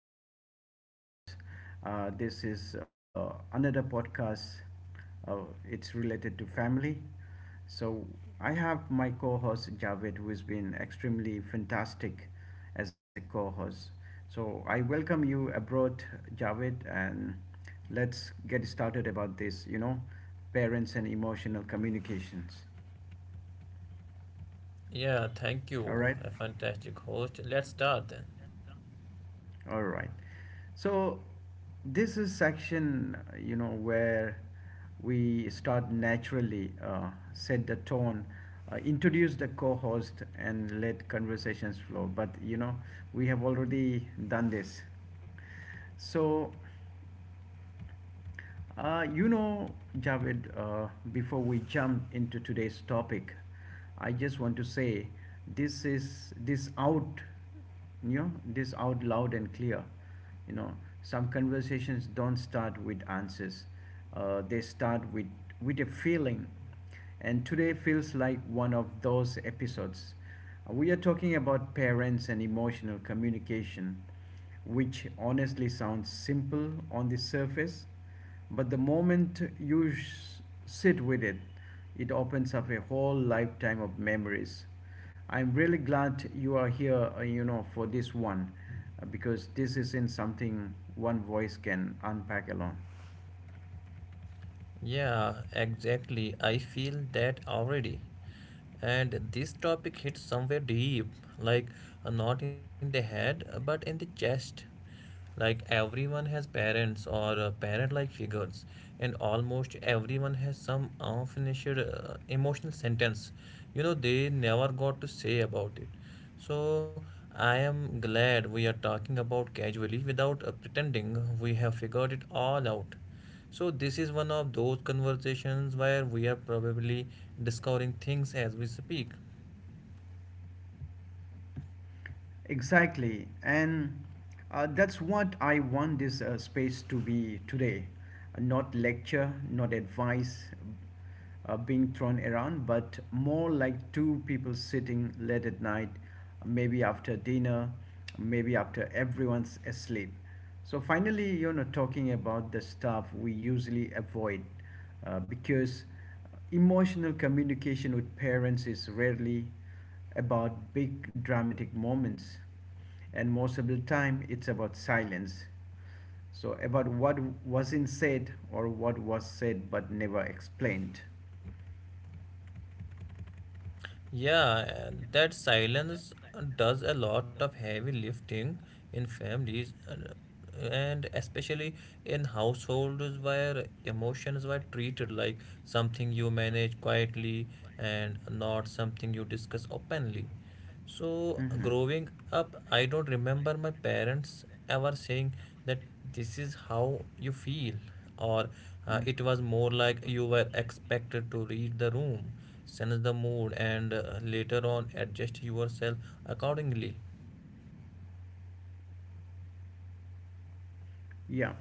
Jimmy, your host. This is another podcast. Uh, it's related to family. So I have my co host Javed, who has been extremely fantastic as a co host. So I welcome you abroad, Javed, and let's get started about this, you know, parents and emotional communications. Yeah, thank All you. right? A fantastic host. Let's start then. All right. So this is section, where we start naturally, set the tone, introduce the co-host, and let conversations flow. But you know, we have already done this. So uh, you know, Javed, before we jump into today's topic, I just want to say this is this out, you know, this out loud and clear. You know, some conversations don't start with answers; they start with a feeling, and today feels like one of those episodes. We are talking about parents and emotional communication which honestly sounds simple on the surface, but the moment you sit with it, it opens up a whole lifetime of memories. I'm really glad you are here, you know, for this one, because this isn't something one voice can unpack alone. Yeah, exactly. I feel that already. And this topic hits somewhere deep, like not in the head, but in the chest. Like everyone has parents or parent like figures, and almost everyone has some unfinished emotional sentence, you know, they never got to say about it. So I am glad we are talking about casually without pretending we have figured it all out. So this is one of those conversations where we are probably discovering things as we speak. Exactly, and that's what I want this space to be today. Not lecture, not advice being thrown around, but more like two people sitting late at night, maybe after dinner, maybe after everyone's asleep. So finally, you know, talking about the stuff we usually avoid because emotional communication with parents is rarely about big dramatic moments, and most of the time it's about silence. So, about what wasn't said or what was said but never explained. Yeah, that silence does a lot of heavy lifting in families, and especially in households where emotions were treated like something you manage quietly and not something you discuss openly. So, Hmm. growing up, I don't remember my parents ever saying that this is how you feel, or Mm. it was more like you were expected to read the room, sense the mood, and later on adjust yourself accordingly. Yeah,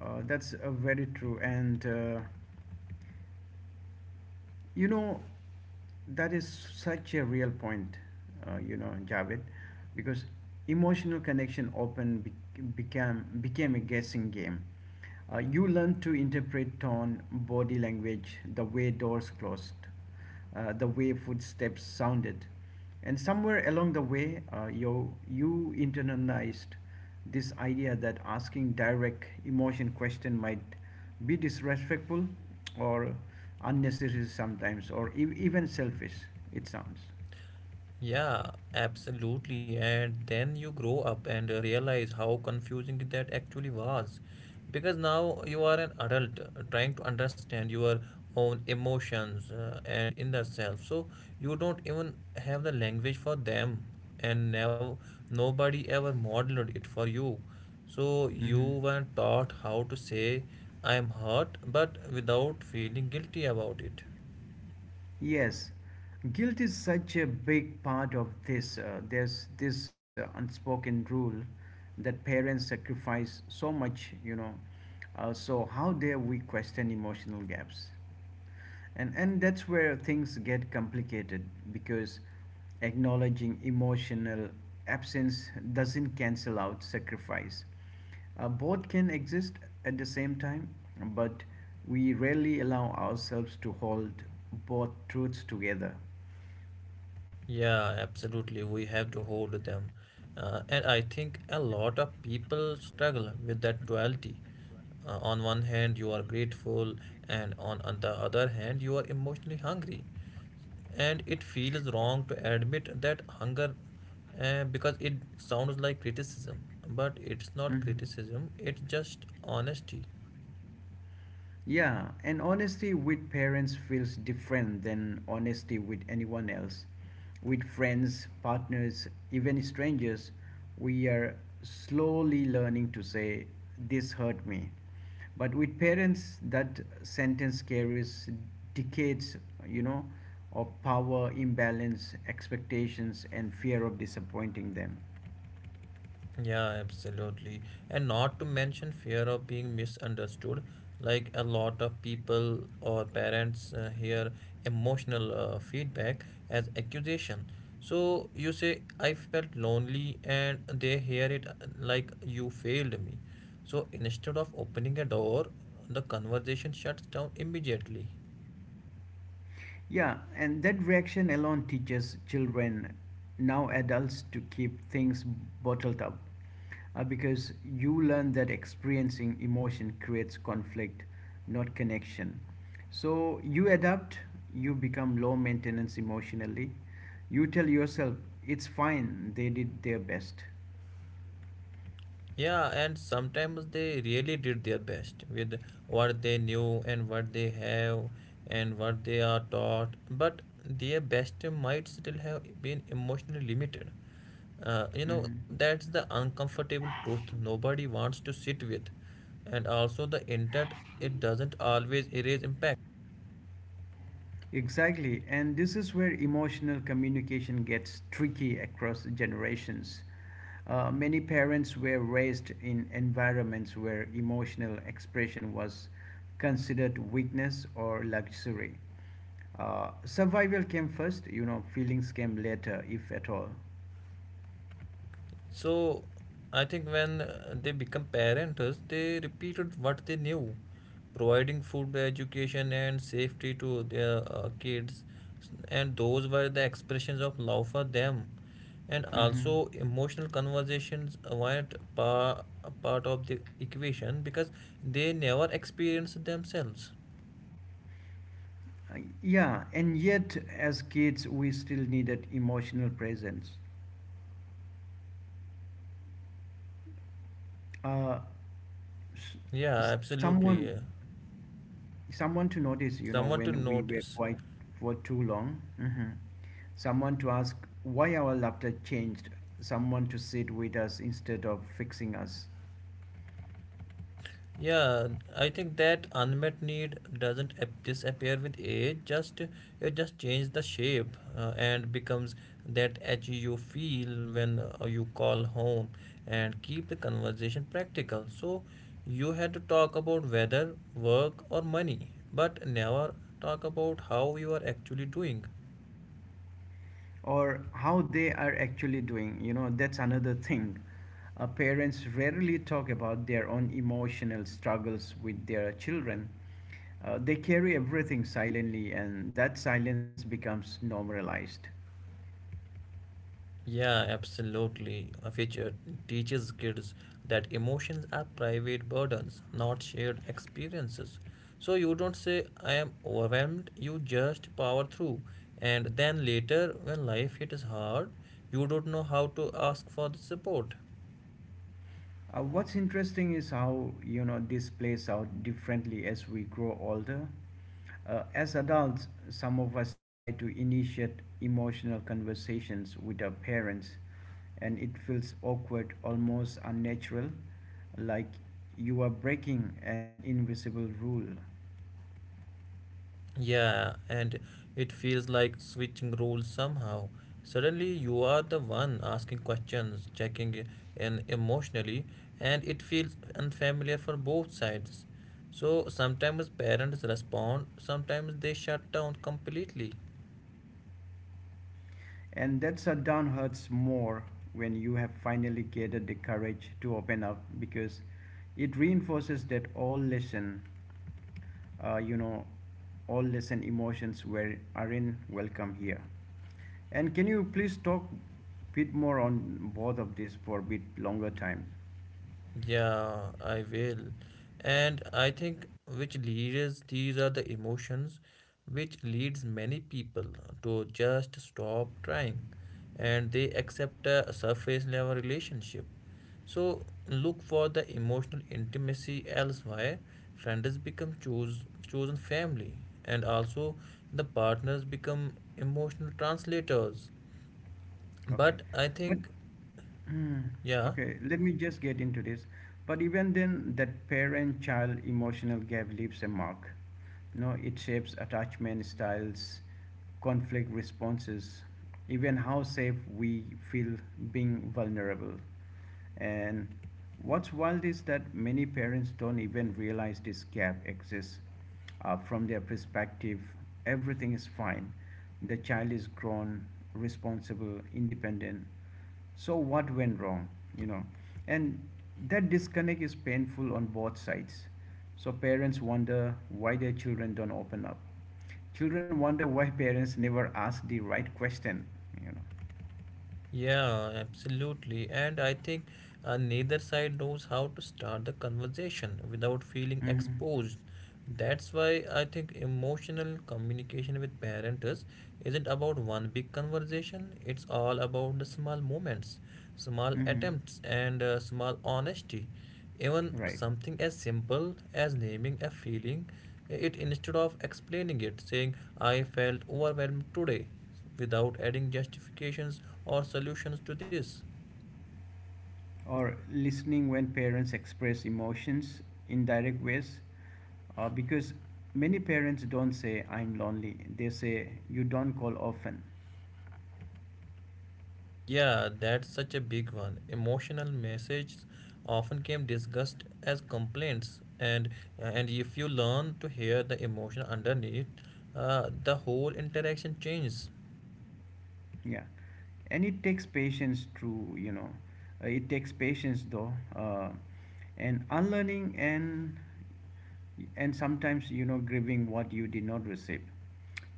that's very true. And you know, that is such a real point, you know, Javed, because emotional connection often became a guessing game. You learn to interpret tone, body language, the way doors closed, the way footsteps sounded. And somewhere along the way, you internalized this idea that asking direct emotion question might be disrespectful or unnecessary sometimes or even selfish it sounds. Yeah, absolutely. And then you grow up and realize how confusing that actually was. Because now you are an adult trying to understand your own emotions and inner self. So you don't even have the language for them, and now nobody ever modeled it for you. So you Hmm. were taught how to say, I am hurt, but without feeling guilty about it. Yes, guilt is such a big part of this. There's this unspoken rule that parents sacrifice so much, you know. So how dare we question emotional gaps? And that's where things get complicated because acknowledging emotional absence doesn't cancel out sacrifice. Both can exist at the same time, but we rarely allow ourselves to hold both truths together. Yeah, absolutely. We have to hold them. And I think a lot of people struggle with that duality. On one hand, you are grateful, and on the other hand, you are emotionally hungry. And it feels wrong to admit that hunger because it sounds like criticism. But it's not Mhm. criticism, it's just honesty. Yeah, and honesty with parents feels different than honesty with anyone else. With friends, partners, even strangers, we are slowly learning to say, this hurt me. But with parents, that sentence carries decades, you know, of power, imbalance, expectations, and fear of disappointing them. Yeah, absolutely. And not to mention fear of being misunderstood. Like a lot of people or parents hear emotional feedback as accusation. So you say, I felt lonely, and they hear it like you failed me. So instead of opening a door, the conversation shuts down immediately. Yeah, and that reaction alone teaches children, now adults, to keep things bottled up. Because you learn that experiencing emotion creates conflict, not connection. So you adapt, you become low maintenance emotionally. You tell yourself, it's fine, they did their best. Yeah, and sometimes they really did their best with what they knew and what they have and what they are taught, but their best might still have been emotionally limited. You know, Hmm. that's the uncomfortable truth nobody wants to sit with, and also the intent, it doesn't always erase impact. Exactly, and this is where emotional communication gets tricky across generations. Many parents were raised in environments where emotional expression was considered weakness or luxury. Survival came first, you know, feelings came later, if at all. So I think when they become parents, they repeated what they knew, providing food, education, and safety to their kids, and those were the expressions of love for them. And Hmm. also, emotional conversations weren't a part of the equation because they never experienced themselves. Yeah, and yet as kids, we still needed emotional presence. Uh, s- Yeah, someone, absolutely. Someone to Someone notice to you know when notice. we were quiet for too long. Hmm. Someone to ask why our laughter changed, someone to sit with us instead of fixing us Yeah, I think that unmet need doesn't disappear with age. Just it just changes the shape and becomes that edge you feel when you call home and keep the conversation practical. So you had to talk about weather, work, or money, but never talk about how you are actually doing. or how they are actually doing, you know, that's another thing. Parents rarely talk about their own emotional struggles with their children. They carry everything silently, and that silence becomes normalized. Yeah, absolutely. A feature teaches kids that emotions are private burdens, not shared experiences. So you don't say, I am overwhelmed, you just power through. And then later, when life hits hard, you don't know how to ask for the support. What's interesting is how you know this plays out differently as we grow older. As adults, some of us try to initiate emotional conversations with our parents, and it feels awkward, almost unnatural, like you are breaking an invisible rule. Yeah, and it feels like switching roles somehow. Suddenly, you are the one asking questions, checking in emotionally, and it feels unfamiliar for both sides. So, sometimes parents respond, sometimes they shut down completely. And that shutdown hurts more when you have finally gathered the courage to open up because it reinforces that all lesson, you know, all lesson emotions were are in welcome here, and can you please talk bit more on both of this for a bit longer time. Yeah, I will. And I think which leaders these are the emotions which leads many people to just stop trying, and they accept a surface level relationship. So look for the emotional intimacy elsewhere. Friends become choose chosen family, and also the partners become emotional translators. Okay, But I but think mm. yeah. Okay, let me just get into this. But even then, that parent-child emotional gap leaves a mark. You know, it shapes attachment styles, conflict responses, even how safe we feel being vulnerable. And what's wild is that many parents don't even realize this gap exists. From their perspective, everything is fine. The child is grown, responsible, independent, so what went wrong, you know? And that disconnect is painful on both sides. So parents wonder why their children don't open up, children wonder why parents never ask the right question, you know. Yeah, absolutely. And I think neither side knows how to start the conversation without feeling Mm-hmm. exposed. That's why I think emotional communication with parents isn't about one big conversation. It's all about the small moments, small Mm-hmm. attempts, and small honesty. Even Right, something as simple as naming a feeling, it instead of explaining it, saying, I felt overwhelmed today without adding justifications or solutions to this. or listening when parents express emotions in direct ways, because many parents don't say I'm lonely, they say you don't call often. Yeah, that's such a big one. Emotional messages often came discussed as complaints, and if you learn to hear the emotion underneath, the whole interaction changes. Yeah, and it takes patience to you know, it takes patience though, and unlearning and sometimes you know grieving what you did not receive.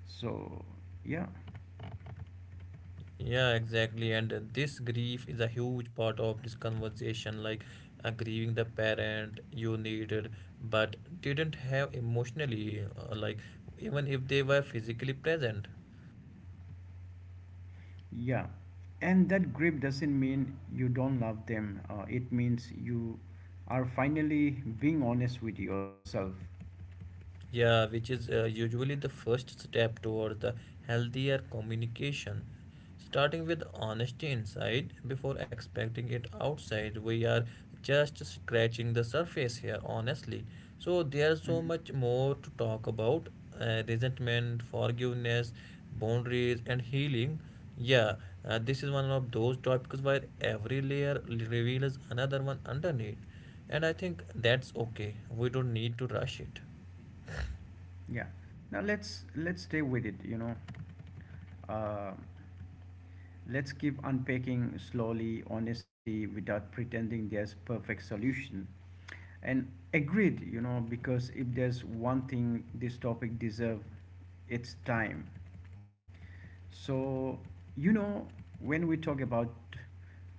So yeah, Yeah, exactly. And this grief is a huge part of this conversation, like grieving the parent you needed but didn't have emotionally, like even if they were physically present. yeah, and that grief doesn't mean you don't love them. It means you are finally being honest with yourself. Yeah, which is usually the first step towards the healthier communication. Starting with honesty inside before expecting it outside, we are just scratching the surface here, honestly. So, there's so Mhm. much more to talk about resentment, forgiveness, boundaries, and healing. Yeah, this is one of those topics where every layer reveals another one underneath. And I think that's okay. We don't need to rush it. Yeah. Now let's stay with it. You know. Uh, Let's keep unpacking slowly honesty without pretending there's perfect solution. And agreed, you know, because if there's one thing this topic deserves, it's time. So, you know, when we talk about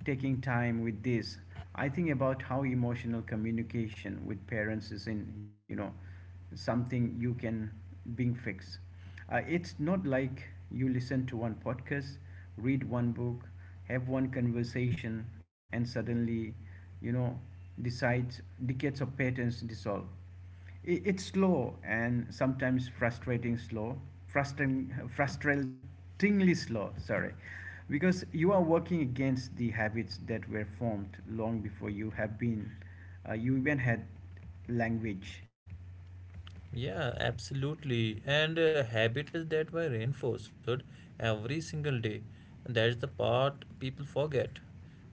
taking time with this, I think about how emotional communication with parents is in, you know, something you can being fixed. It's not like you listen to one podcast, read one book, have one conversation, and suddenly, you know, decides decades of patterns dissolve. It's slow and sometimes frustrating slow, frustratingly slow. Sorry, because you are working against the habits that were formed long before you have been, you even had language. Yeah, absolutely. And habits that were reinforced every single day. That's the part people forget.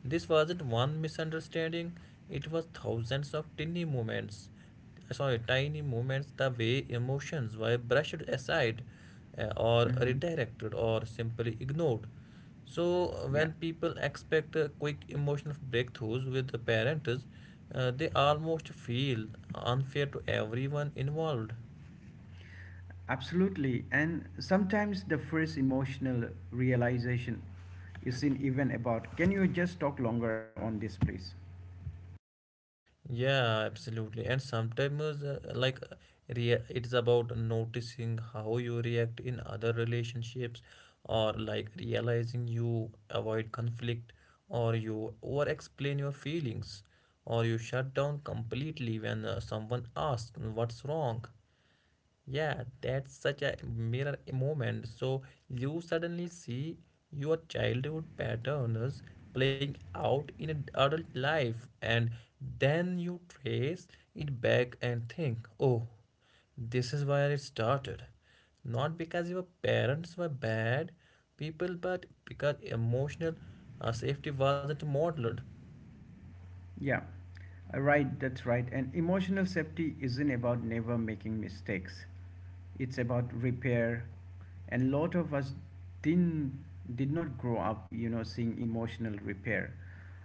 This wasn't one misunderstanding, it was thousands of tiny moments. Sorry, tiny moments the way emotions were brushed aside or Hmm. redirected or simply ignored. So, Yeah. when people expect quick emotional breakthroughs with the parents, they almost feel unfair to everyone involved. Absolutely. And sometimes the first emotional realization isn't even about, can you just talk longer on this, please? Yeah, absolutely. And sometimes, it's about noticing how you react in other relationships, or like realizing you avoid conflict, or you over explain your feelings, or you shut down completely when someone asks what's wrong. Yeah, that's such a mirror moment. So you suddenly see your childhood patterns playing out in adult life, and then you trace it back and think, oh, this is where it started. Not because your parents were bad people, but because emotional safety wasn't modeled. Yeah, right, that's right. And emotional safety isn't about never making mistakes, it's about repair, and lot of us didn't did not grow up you know seeing emotional repair,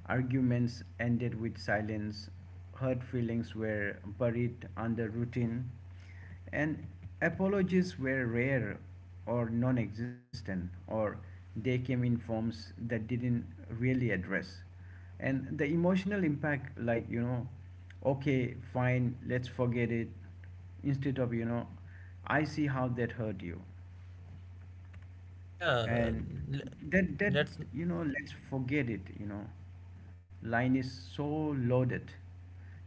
arguments ended with silence, hurt feelings were buried under routine, and apologies were rare or non existent, or they came in forms that didn't really address. And the emotional impact, like, you know, okay, fine, let's forget it, instead of, you know, I see how that hurt you. Yeah, And that let's. you know let's forget it you know line is so loaded.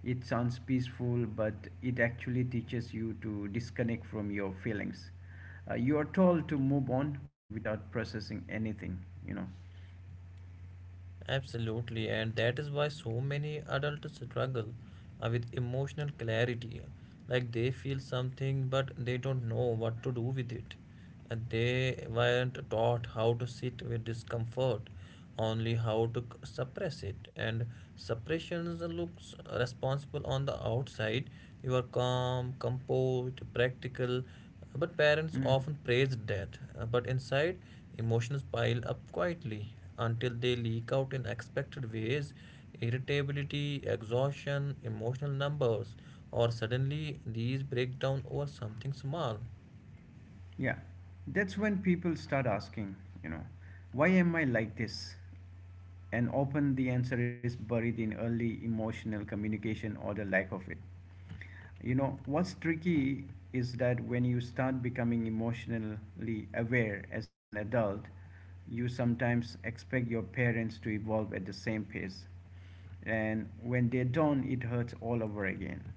It sounds peaceful but it actually teaches you to disconnect from your feelings. You are told to move on without processing anything, you know. Absolutely, and that is why so many adults struggle with emotional clarity. Like they feel something, but they don't know what to do with it. And they weren't taught how to sit with discomfort, only how to suppress it. And suppression looks responsible on the outside. You are calm, composed, practical, but parents Mm. often praise debt, but inside, emotions pile up quietly until they leak out in expected ways irritability, exhaustion, emotional numbers, or suddenly these break down over something small. Yeah, that's when people start asking, you know, why am I like this? And often the answer is buried in early emotional communication or the lack of it. You know, what's tricky is that when you start becoming emotionally aware as an adult, you sometimes expect your parents to evolve at the same pace. And when they don't, it hurts all over again.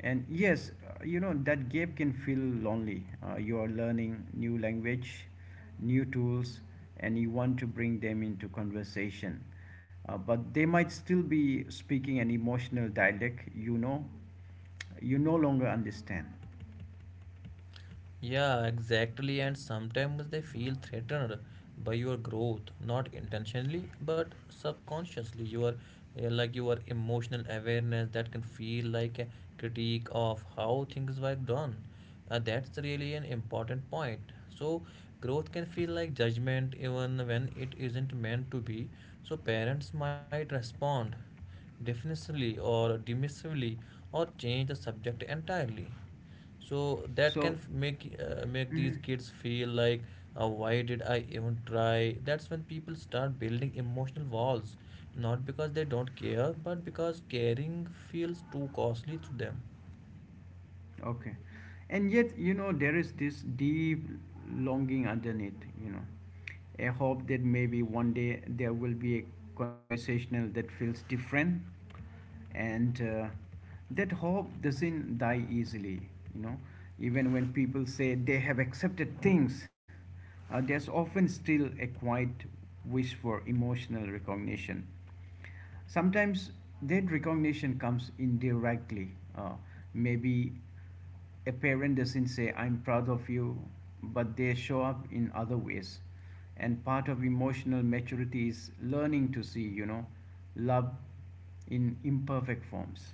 And yes, you know, that gap can feel lonely. You are learning new language, new tools, and you want to bring them into conversation. But they might still be speaking an emotional dialect you know you no longer understand. Yeah, exactly. And sometimes they feel threatened by your growth, not intentionally, but subconsciously. Your like your emotional awareness that can feel like a critique of how things were done. That's really an important point. So growth can feel like judgment even when it isn't meant to be. So parents might respond defensively or dismissively or change the subject entirely, so that So can make make these kids feel like why did I even try? That's when people start building emotional walls, not because they don't care but because caring feels too costly to them. okay. And yet, you know, there is this deep longing underneath, you know, a hope that maybe one day there will be a conversational that feels different. And that hope doesn't die easily, you know. Even when people say they have accepted things, there's often still a quiet wish for emotional recognition. Sometimes that recognition comes indirectly. Uh, Maybe a parent doesn't say, I'm proud of you, but they show up in other ways. And part of emotional maturity is learning to see, you know, love in imperfect forms.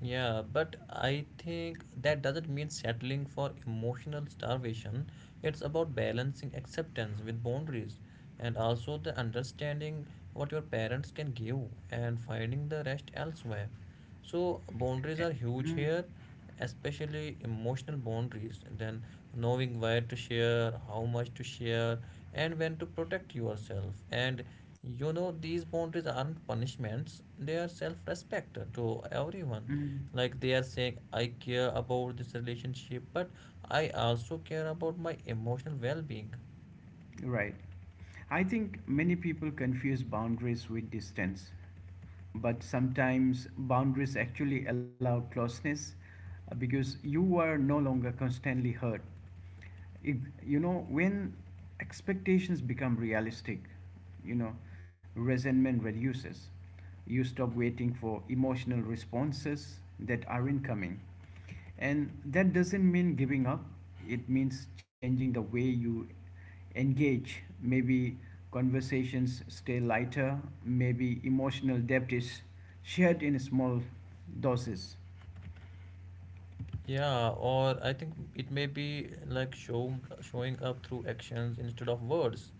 Yeah, but I think that doesn't mean settling for emotional starvation. It's about balancing acceptance with boundaries and also the understanding what your parents can give and finding the rest elsewhere. So, boundaries Eh, are huge mm, here, especially emotional boundaries, then knowing where to share, how much to share, and when to protect yourself. And you know, these boundaries aren't punishments, they are self respect to everyone. mm. Like they are saying, I care about this relationship, but I also care about my emotional well being. Right. I think many people confuse boundaries with distance, but sometimes boundaries actually allow closeness, because you are no longer constantly hurt. If, you know, when expectations become realistic, you know, resentment reduces. You stop waiting for emotional responses that aren't coming. And that doesn't mean giving up, it means changing the way you engage. Maybe conversations stay lighter, maybe emotional depth is shared in small doses. Yeah, or I think it may be like showing up through actions instead of words,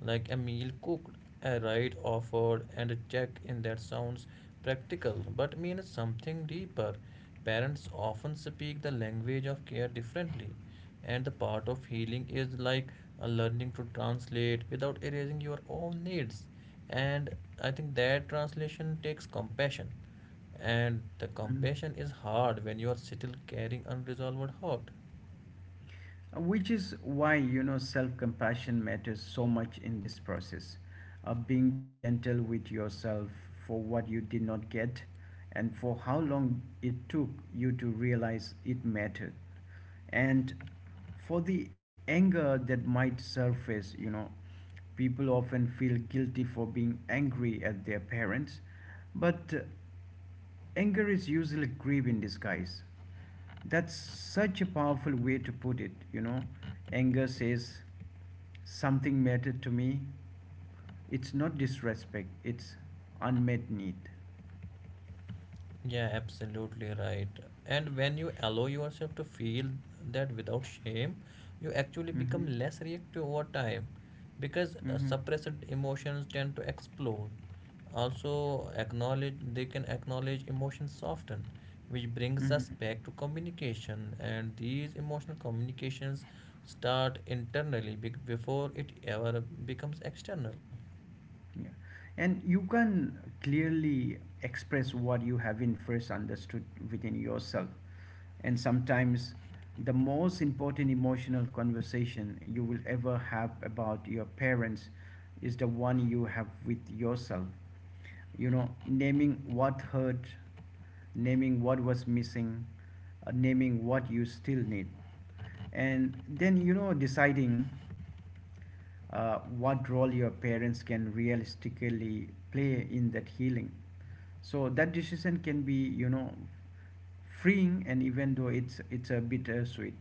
like a meal cooked, a ride offered, and a check in that sounds practical but means something deeper. Parents often speak the language of care differently, and the part of healing is like learning to translate without erasing your own needs. And I think that translation takes compassion. And the Mm. compassion is hard when you are still carrying unresolved hurt. Which is why you know self-compassion matters so much in this process, being gentle with yourself for what you did not get and for how long it took you to realize it mattered, and for the anger that might surface you know. People often feel guilty for being angry at their parents, but anger is usually grief in disguise. That's such a powerful way to put it, you know. Anger says, something mattered to me. It's not disrespect, it's unmet need. Yeah, absolutely right. And when you allow yourself to feel that without shame, you actually Mm-hmm. become less reactive over time because Mm-hmm. suppressed emotions tend to explode. Also, acknowledge they can acknowledge emotions often, which brings us Mm-hmm. back to communication. And these emotional communications start internally before it ever becomes external. Yeah. And you can clearly express what you haven't first understood within yourself. And sometimes the most important emotional conversation you will ever have about your parents is the one you have with yourself. Naming what hurt, naming what was missing, naming what you still need. And then, deciding what role your parents can realistically play in that healing. So that decision can be, freeing, and even though it's a bittersweet.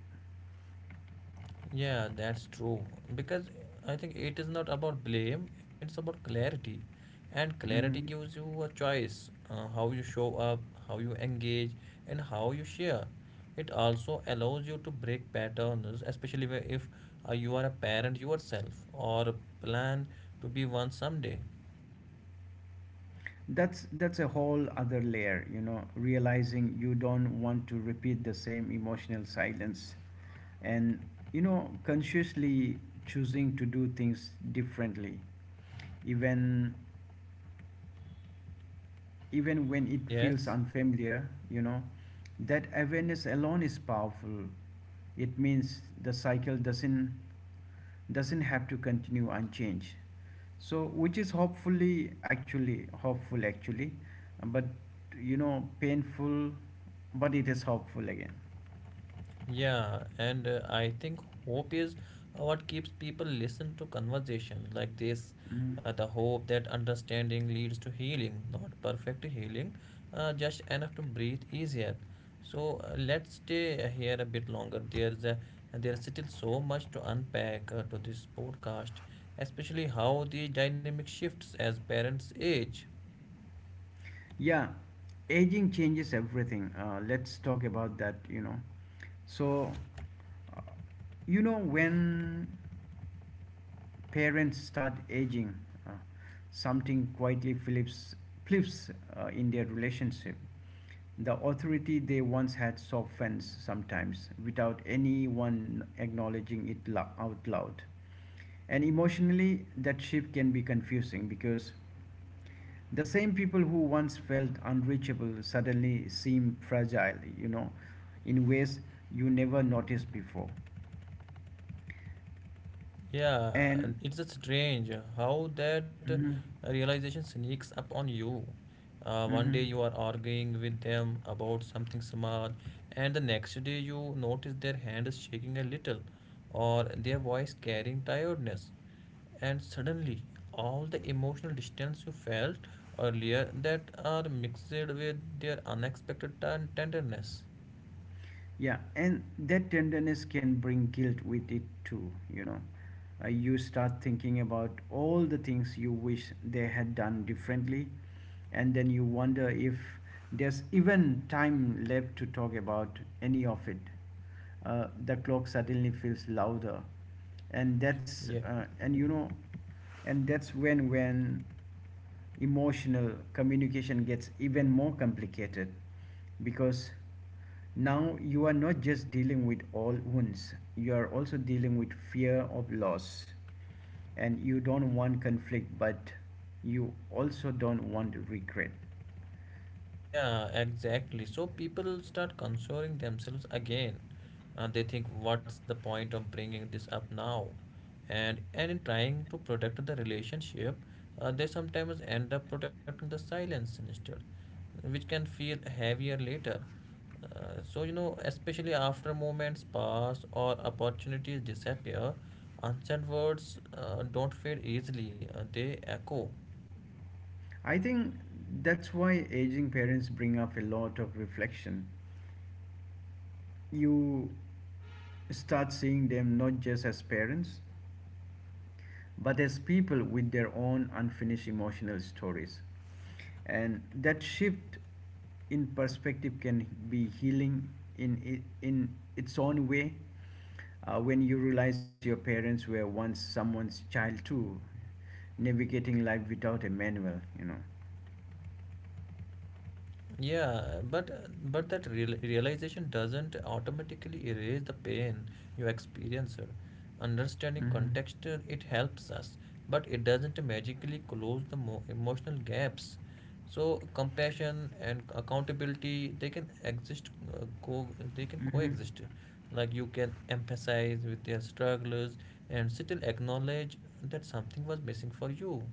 Yeah, that's true. Because I think it is not about blame, it's about clarity. And clarity Hmm. gives you a choice, how you show up, how you engage, and how you share. It also allows you to break patterns, especially where if you are a parent yourself or plan to be one someday. That's a whole other layer, you know, realizing you don't want to repeat the same emotional silence, and you know, consciously choosing to do things differently, even even when it feels Yes. unfamiliar, you know, that awareness alone is powerful. It means the cycle doesn't have to continue unchanged. So which is hopeful actually, but you know painful, but it is hopeful again. Yeah, and I think hope is what keeps people listen to conversations like this. Mhm. The hope that understanding leads to healing, not perfect healing, just enough to breathe easier. So let's stay here a bit longer. There's still so much to unpack to this podcast, especially how the dynamic shifts as parents age. Yeah, aging changes everything. Let's talk about that. You know, so uh, you know when parents start aging, uh, something quietly flips, flips in their relationship. The authority they once had softens sometimes without anyone acknowledging it out loud. And emotionally, that shift can be confusing because the same people who once felt unreachable suddenly seem fragile, you know, in ways you never noticed before. Yeah, And and it's just strange how that Mhm. realization sneaks up on you. One day Mhm. you are arguing with them about something small, and the next day you notice their hand is shaking a little or their voice carrying tiredness. And suddenly, all the emotional distance you felt earlier that are mixed with their unexpected tenderness. Yeah, and that tenderness can bring guilt with it too, you know. You start thinking about all the things you wish they had done differently, and then you wonder if there's even time left to talk about any of it. The clock suddenly feels louder, and that's Yeah. And you know, and that's when emotional communication gets even more complicated, because now you are not just dealing with all wounds, you are also dealing with fear of loss. And you don't want conflict, but you also don't want regret. Yeah, exactly. So people start consoling themselves again. They think, what's the point of bringing this up now? And in trying to protect the relationship, they sometimes end up protecting the silence instead, which can feel heavier later. Especially after moments pass or opportunities disappear, unsaid words don't fade easily. They echo. I think that's why aging parents bring up a lot of reflection. You start seeing them not just as parents but as people with their own unfinished emotional stories. And that shift in perspective can be healing in its own way when you realize your parents were once someone's child too, navigating life without a manual, you know. Yeah, but but that realization doesn't automatically erase the pain you experienced. Understanding Hmm. context, it helps us, but it doesn't magically close the emotional gaps. So compassion and accountability, they can exist, they can Hmm. coexist. Like you can empathize with their struggles and still acknowledge that something was missing for you.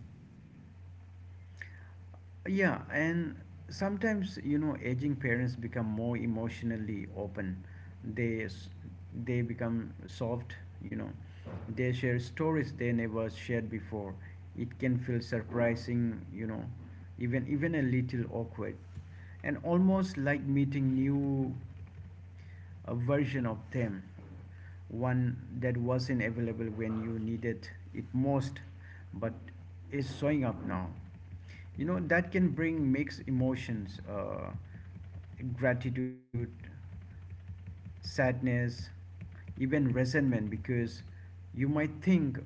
Yeah, and sometimes you know aging parents become more emotionally open. They s- they become soft, you know. They share stories they never shared before. It can feel surprising, you know, even a little awkward, and almost like meeting new a version of them, one that wasn't available when you needed it most, but is showing up now. You know, that can bring mixed emotions gratitude, sadness, even resentment because you might think,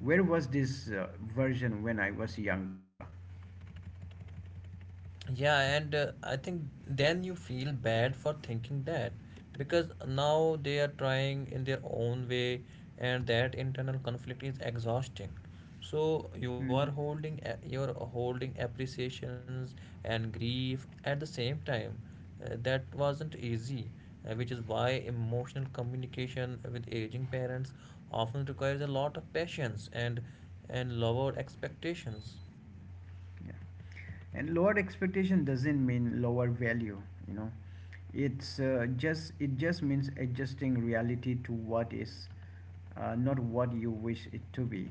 where was this version when I was younger? Yeah, and I think then you feel bad for thinking that because now they are trying in their own way, and that internal conflict is exhausting. So Mhm. You're holding appreciations and grief at the same time. That wasn't easy, which is why emotional communication with aging parents often requires a lot of patience and lowered expectations. Yeah, and lower expectation doesn't mean lower value, you know, it just means adjusting reality to what is, not what you wish it to be,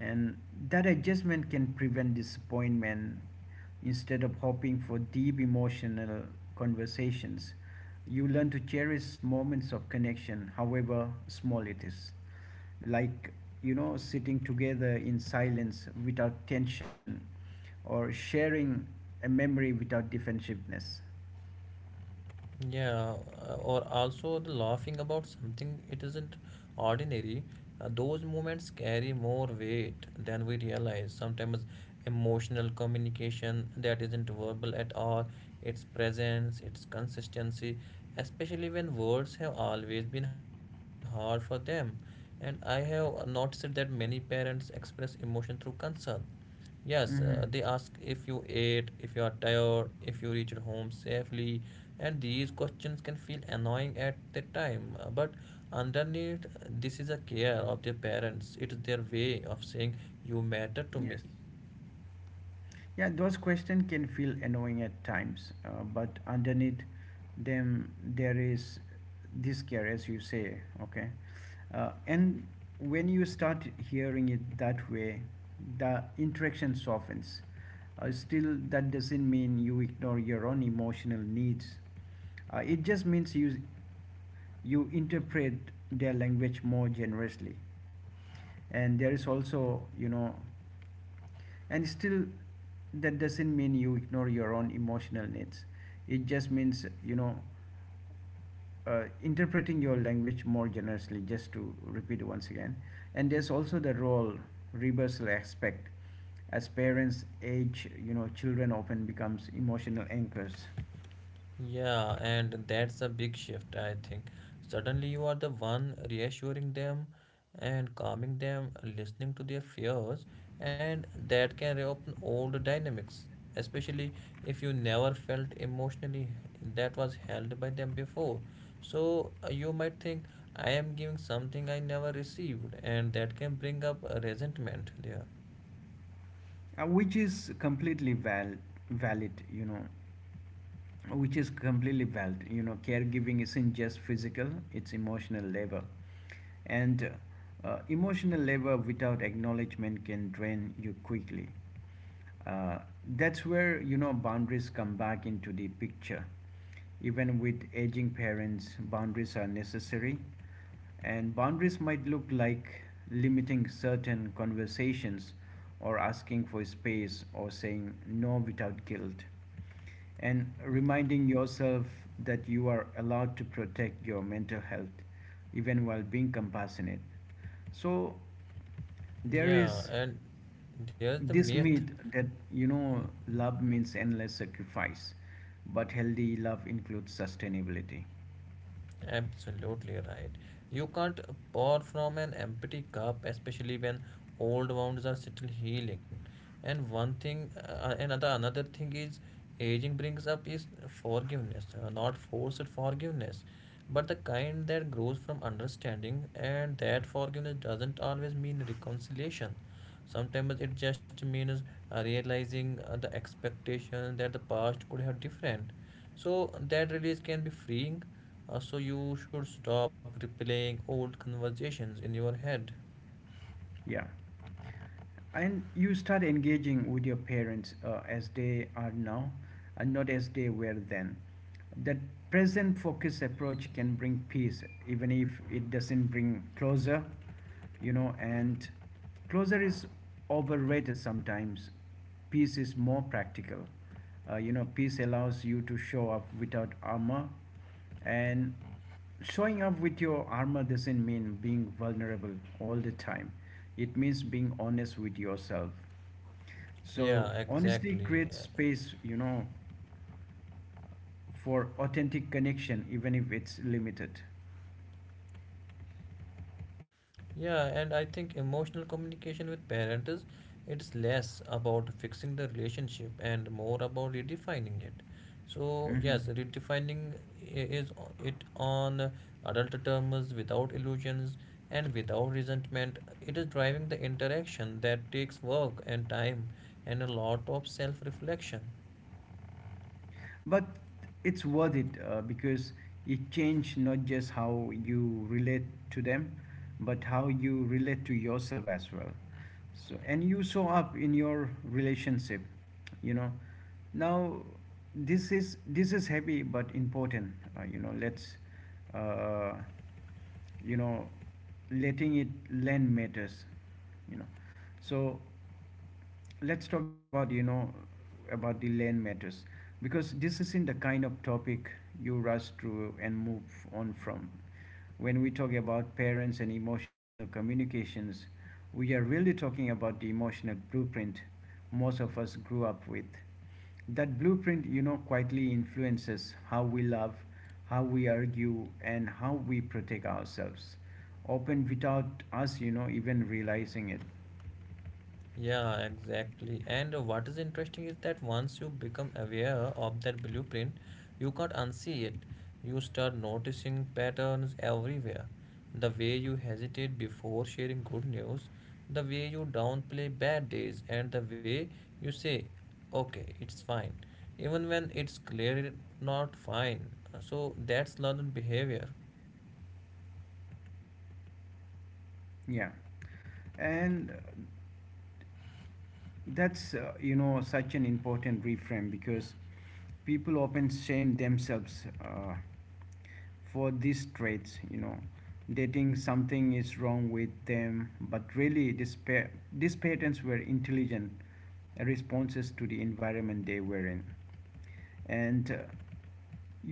and that adjustment can prevent disappointment. Instead of hoping for deep emotional conversations, you learn to cherish moments of connection however small it is, like you know sitting together in silence without tension, or sharing a memory without defensiveness. Yeah, or also the laughing about something it isn't ordinary. Those moments carry more weight than we realize. Sometimes emotional communication that isn't verbal at all, its presence, its consistency, especially when words have always been hard for them. And I have noticed that many parents express emotion through concern. Yes, they Mm-hmm. ask if you ate, if you are tired, if you reached home safely, and these questions can feel annoying at the time. But underneath, this is a care of their parents. It is their way of saying, you matter to me. Yes. Yeah, those questions can feel annoying at times, but underneath them there is this care, as you say, okay? And when you start hearing it that way, the interaction softens. Still, that doesn't mean you ignore your own emotional needs. It just means you interpret their language more generously. And there is also, you know, and still that doesn't mean you ignore your own emotional needs, it just means you know, interpreting your language more generously, just to repeat once again. And there's also the role reversal aspect. As parents age, you know, children often becomes emotional anchors. Yeah, and that's a big shift, I think. Suddenly, you are the one reassuring them and calming them, listening to their fears, and that can reopen old dynamics, especially if you never felt emotionally that was held by them before. So, you might think, I am giving something I never received, and that can bring up resentment there. Which is completely valid, you know, which is completely valid, you know. Caregiving isn't just physical, it's emotional labor, and emotional labor without acknowledgement can drain you quickly. Uh, that's where you know boundaries come back into the picture. Even with aging parents boundaries are necessary, and boundaries might look like limiting certain conversations, or asking for space, or saying no without guilt, and Y- reminding yourself that you are allowed to protect your mental health even while being compassionate. So there Yeah, is and there's the this myth. myth that you know love means endless sacrifice, but healthy love includes sustainability. Absolutely right. You can't pour from an empty cup, especially when old wounds are still healing. And one thing, another thing is aging brings up is forgiveness, not forced forgiveness, but the kind that grows from understanding. And that forgiveness doesn't always mean reconciliation. Sometimes it just means realizing the expectation that the past could have different. So that release can be freeing, so you should stop replaying old conversations in your head. Yeah. And you start engaging with your parents as they are now and not as they were then. That present focused approach can bring peace even if it doesn't bring closure, you know, and closure is overrated. Sometimes peace is more practical. Uh, you know peace allows you to show up without armor, and showing up with your armor doesn't mean being vulnerable all the time. It means being honest with yourself. So Yeah, honesty exactly. creates space, you know, for authentic connection, even if it's limited. Yeah, and I think emotional communication with parents is, it's less about fixing the relationship and more about redefining it. So Hmm. yes, redefining it on adult terms without illusions and without resentment. It is driving the interaction that takes work and time and a lot of self-reflection. But it's worth it, because it changed not just how you relate to them but how you relate to yourself as well. So and you show up in your relationship, you know, now. This is heavy but important. You know, let's uh, you know, letting it land matters, you know, so let's talk about, you know, about the land matters, because this isn't the kind of topic you rush through and move on from. When we talk about parents and emotional communications, we are really talking about the emotional blueprint most of us grew up with. That blueprint, you know, quietly influences how we love, how we argue, and how we protect ourselves, often without us you know even realizing it. Yeah, exactly. And what is interesting is that once you become aware of that blueprint, you can't unsee it. You start noticing patterns everywhere. The way you hesitate before sharing good news, the way you downplay bad days, and the way you say, okay, it's fine, even when it's clearly not fine. So that's learned behavior. Yeah. And that's, you know, such an important reframe because people often shame themselves for these traits, you know. They think something is wrong with them, but really, these patterns were intelligent responses to the environment they were in, and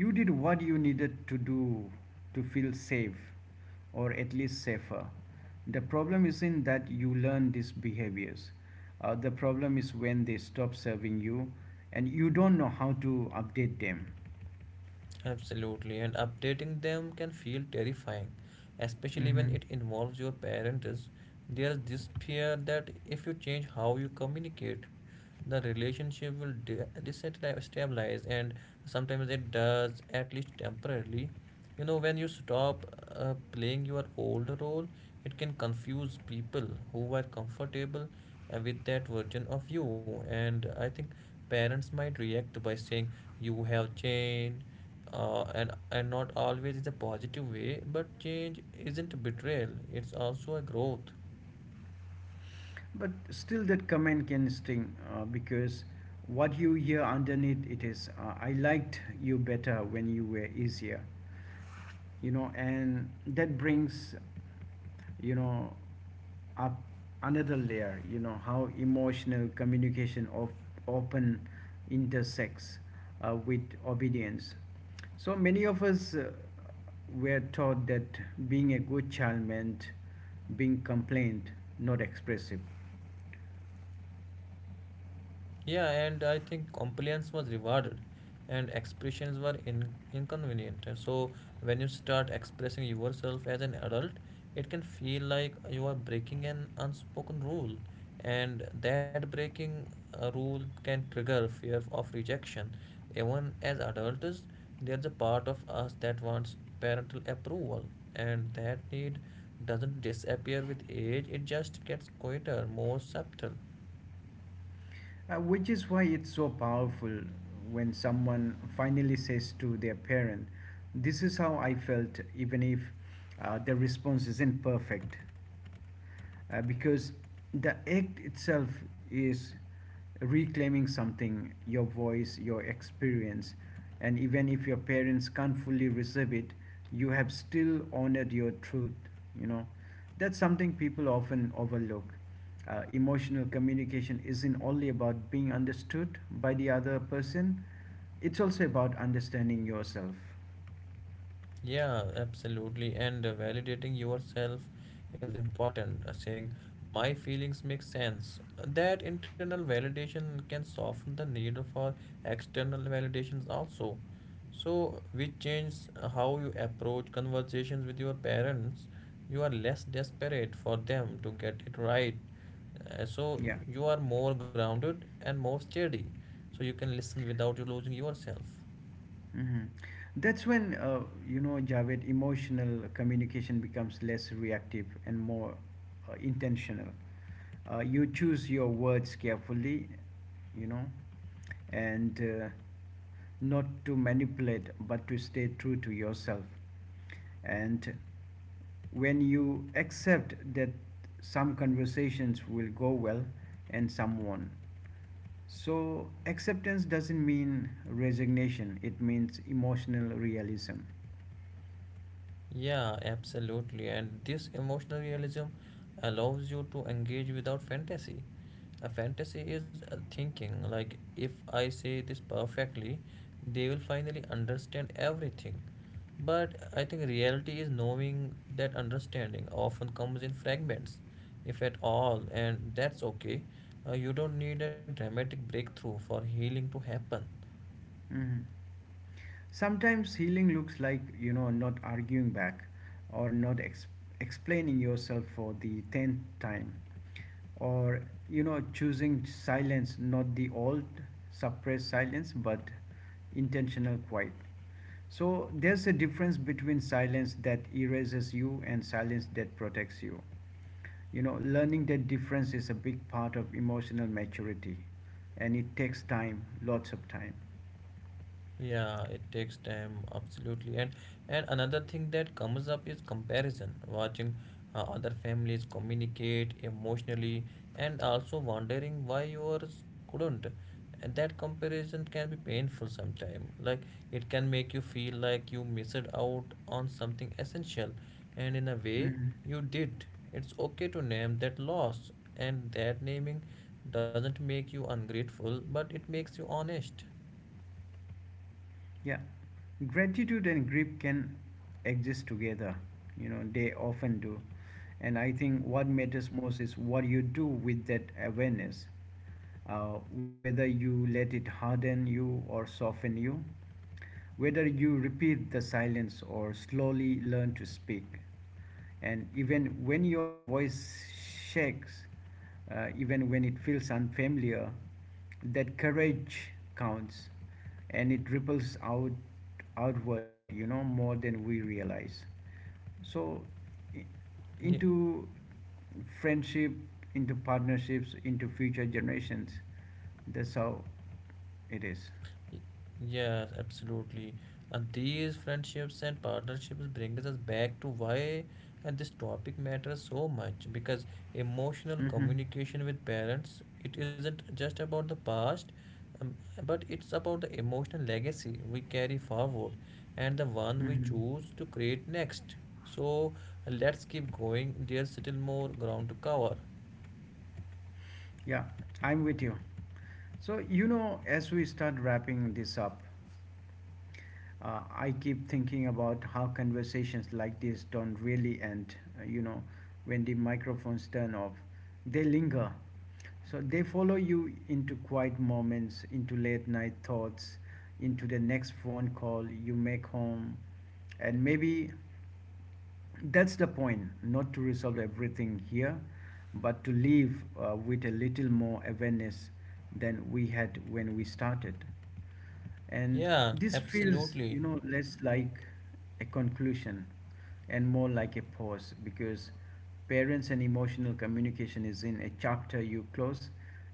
you did what you needed to do to feel safe, or at least safer. The problem isn't that you learn these behaviors, the problem is when they stop serving you and you don't know how to update them. Absolutely, and updating them can feel terrifying, especially when Mhm. it involves your parents. There's this fear that if you change how you communicate, the relationship will destabilize, and sometimes it does, at least temporarily. You know, when you stop playing your old role, it can confuse people who are comfortable with that version of you. And I think parents might react by saying, you have changed, and not always is a positive way, but change isn't betrayal, it's also a growth. But still, that comment can sting, because what you hear underneath it is, I liked you better when you were easier. You know, and that brings, you know, up another layer, you know, how emotional communication of often intersects with obedience. So many of us, were taught that being a good child meant being compliant, not expressive. Yeah, and I think compliance was rewarded and expressions were inconvenient. So, when you start expressing yourself as an adult, it can feel like you are breaking an unspoken rule, and that breaking a rule can trigger fear of rejection. Even as adults, there's a part of us that wants parental approval, and that need doesn't disappear with age, it just gets quieter, more subtle. Which is why it's so powerful when someone finally says to their parent, this is how I felt, even if their response isn't perfect. Because the act itself is reclaiming something, your voice, your experience, and even if your parents can't fully receive it, you have still honored your truth. You know, that's something people often overlook. Emotional communication isn't only about being understood by the other person, it's also about understanding yourself. Yeah, absolutely. And validating yourself is important. Saying my feelings make sense. That internal validation can soften the need for external validations also. So, which changes how you approach conversations with your parents. You are less desperate for them to get it right. So, Yeah. you are more grounded and more steady. So, you can listen without you losing yourself. Mhm. That's when, you know, Javed, emotional communication becomes less reactive and more intentional. You choose your words carefully, you know, and not to manipulate, but to stay true to yourself. And when you accept that some conversations will go well and some won't, so, acceptance doesn't mean resignation, it means emotional realism. Yeah, absolutely. And this emotional realism allows you to engage without fantasy. A fantasy is a thinking like, if I say this perfectly, they will finally understand everything. But I think reality is knowing that understanding often comes in fragments, if at all, and that's okay. You don't need a dramatic breakthrough for healing to happen. Mhm. Sometimes healing looks like, you know, not arguing back, or not ex- explaining yourself for the 10th time, or, you know, choosing silence, not the old suppressed silence but intentional quiet. So there's a difference between silence that erases you and silence that protects you. You know, learning that difference is a big part of emotional maturity, and it takes time, lots of time. Yeah, it takes time, absolutely. And another thing that comes up is comparison, watching other families communicate emotionally and also wondering why yours couldn't. And that comparison can be painful sometimes. Like it can make you feel like you missed out on something essential, and in a way, Mhm. you did. It's okay to name that loss, and that naming doesn't make you ungrateful, but it makes you honest. Yeah, gratitude and grief can exist together. You know, they often do. And I think what matters most is what you do with that awareness, whether you let it harden you or soften you. Whether you repeat the silence or slowly learn to speak, and even when your voice shakes, even when it feels unfamiliar, that courage counts, and it ripples out outward, you know, more than we realize. So, Yeah. into friendship, into partnerships, into future generations, that's how it is. Yes, absolutely. And these friendships and partnerships brings us back to why and this topic matters so much because emotional Mm-hmm. communication with parents, it isn't just about the past, um, but it's about the emotional legacy we carry forward and the one we Hmm. choose to create next. So let's keep going. There's still more ground to cover. Yeah, I'm with you. So, you know, as we start wrapping this up, I keep thinking about how conversations like this don't really end, you know, when the microphones turn off. They linger. So they follow you into quiet moments, into late night thoughts, into the next phone call you make home, and maybe that's the point, not to resolve everything here, but to leave with a little more awareness than we had when we started. And Yeah, this feels, you absolutely. know, less like a conclusion and more like a pause, because parents and emotional communication is in a chapter you close.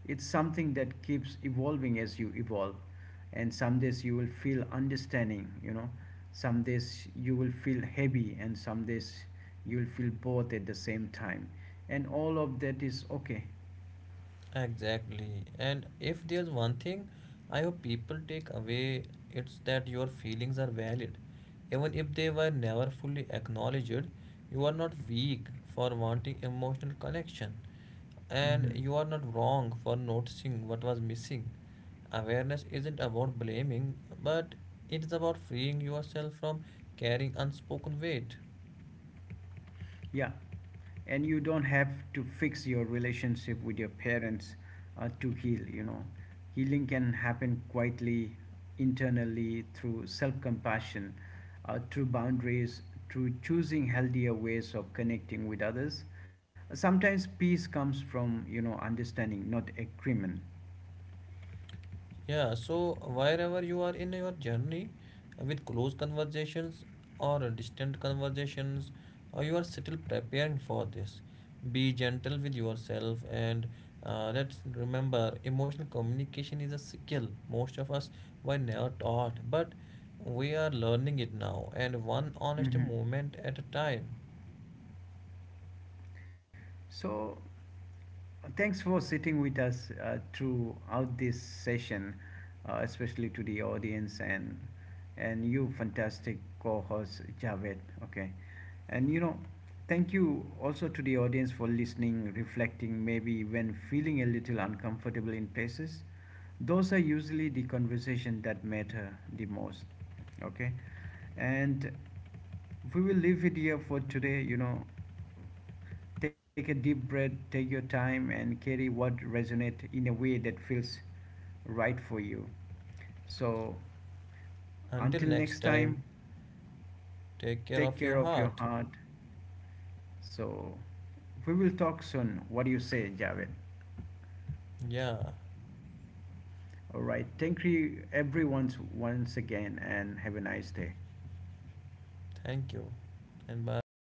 It's something that keeps evolving as you evolve, and some days you will feel understanding, you know, some days you will feel heavy, and some days you will feel both at the same time, and all of that is okay. Exactly. And if there's one thing I hope people take away, it's that your feelings are valid. Even if they were never fully acknowledged, you are not weak for wanting emotional connection. And Hmm. you are not wrong for noticing what was missing. Awareness isn't about blaming, but it's about freeing yourself from carrying unspoken weight. Yeah, and you don't have to fix your relationship with your parents to heal, you know. Healing can happen quietly, internally, through self compassion, through boundaries, through choosing healthier ways of connecting with others. Sometimes peace comes from, you know, understanding, not agreement. Yeah, so wherever you are in your journey, with close conversations or distant conversations, you are still preparing for this. Be gentle with yourself and let's remember emotional communication is a skill most of us were never taught, but we are learning it now and one honest Mm-hmm. moment at a time. So, thanks for sitting with us throughout this session, especially to the audience, and you fantastic co-host Javed. Okay, and you know, thank you also to the audience for listening, reflecting, maybe when feeling a little uncomfortable in places. Those are usually the conversation that matter the most. Okay, and we will leave it here for today. You know, take a deep breath, take your time, and carry what resonates in a way that feels right for you. So, Until until next next time, time, take care take of care your of your heart. heart. So, we will talk soon. What do you say, Javed? Yeah, All right. Thank you, everyone, once again, and have a nice day. thank you and bye.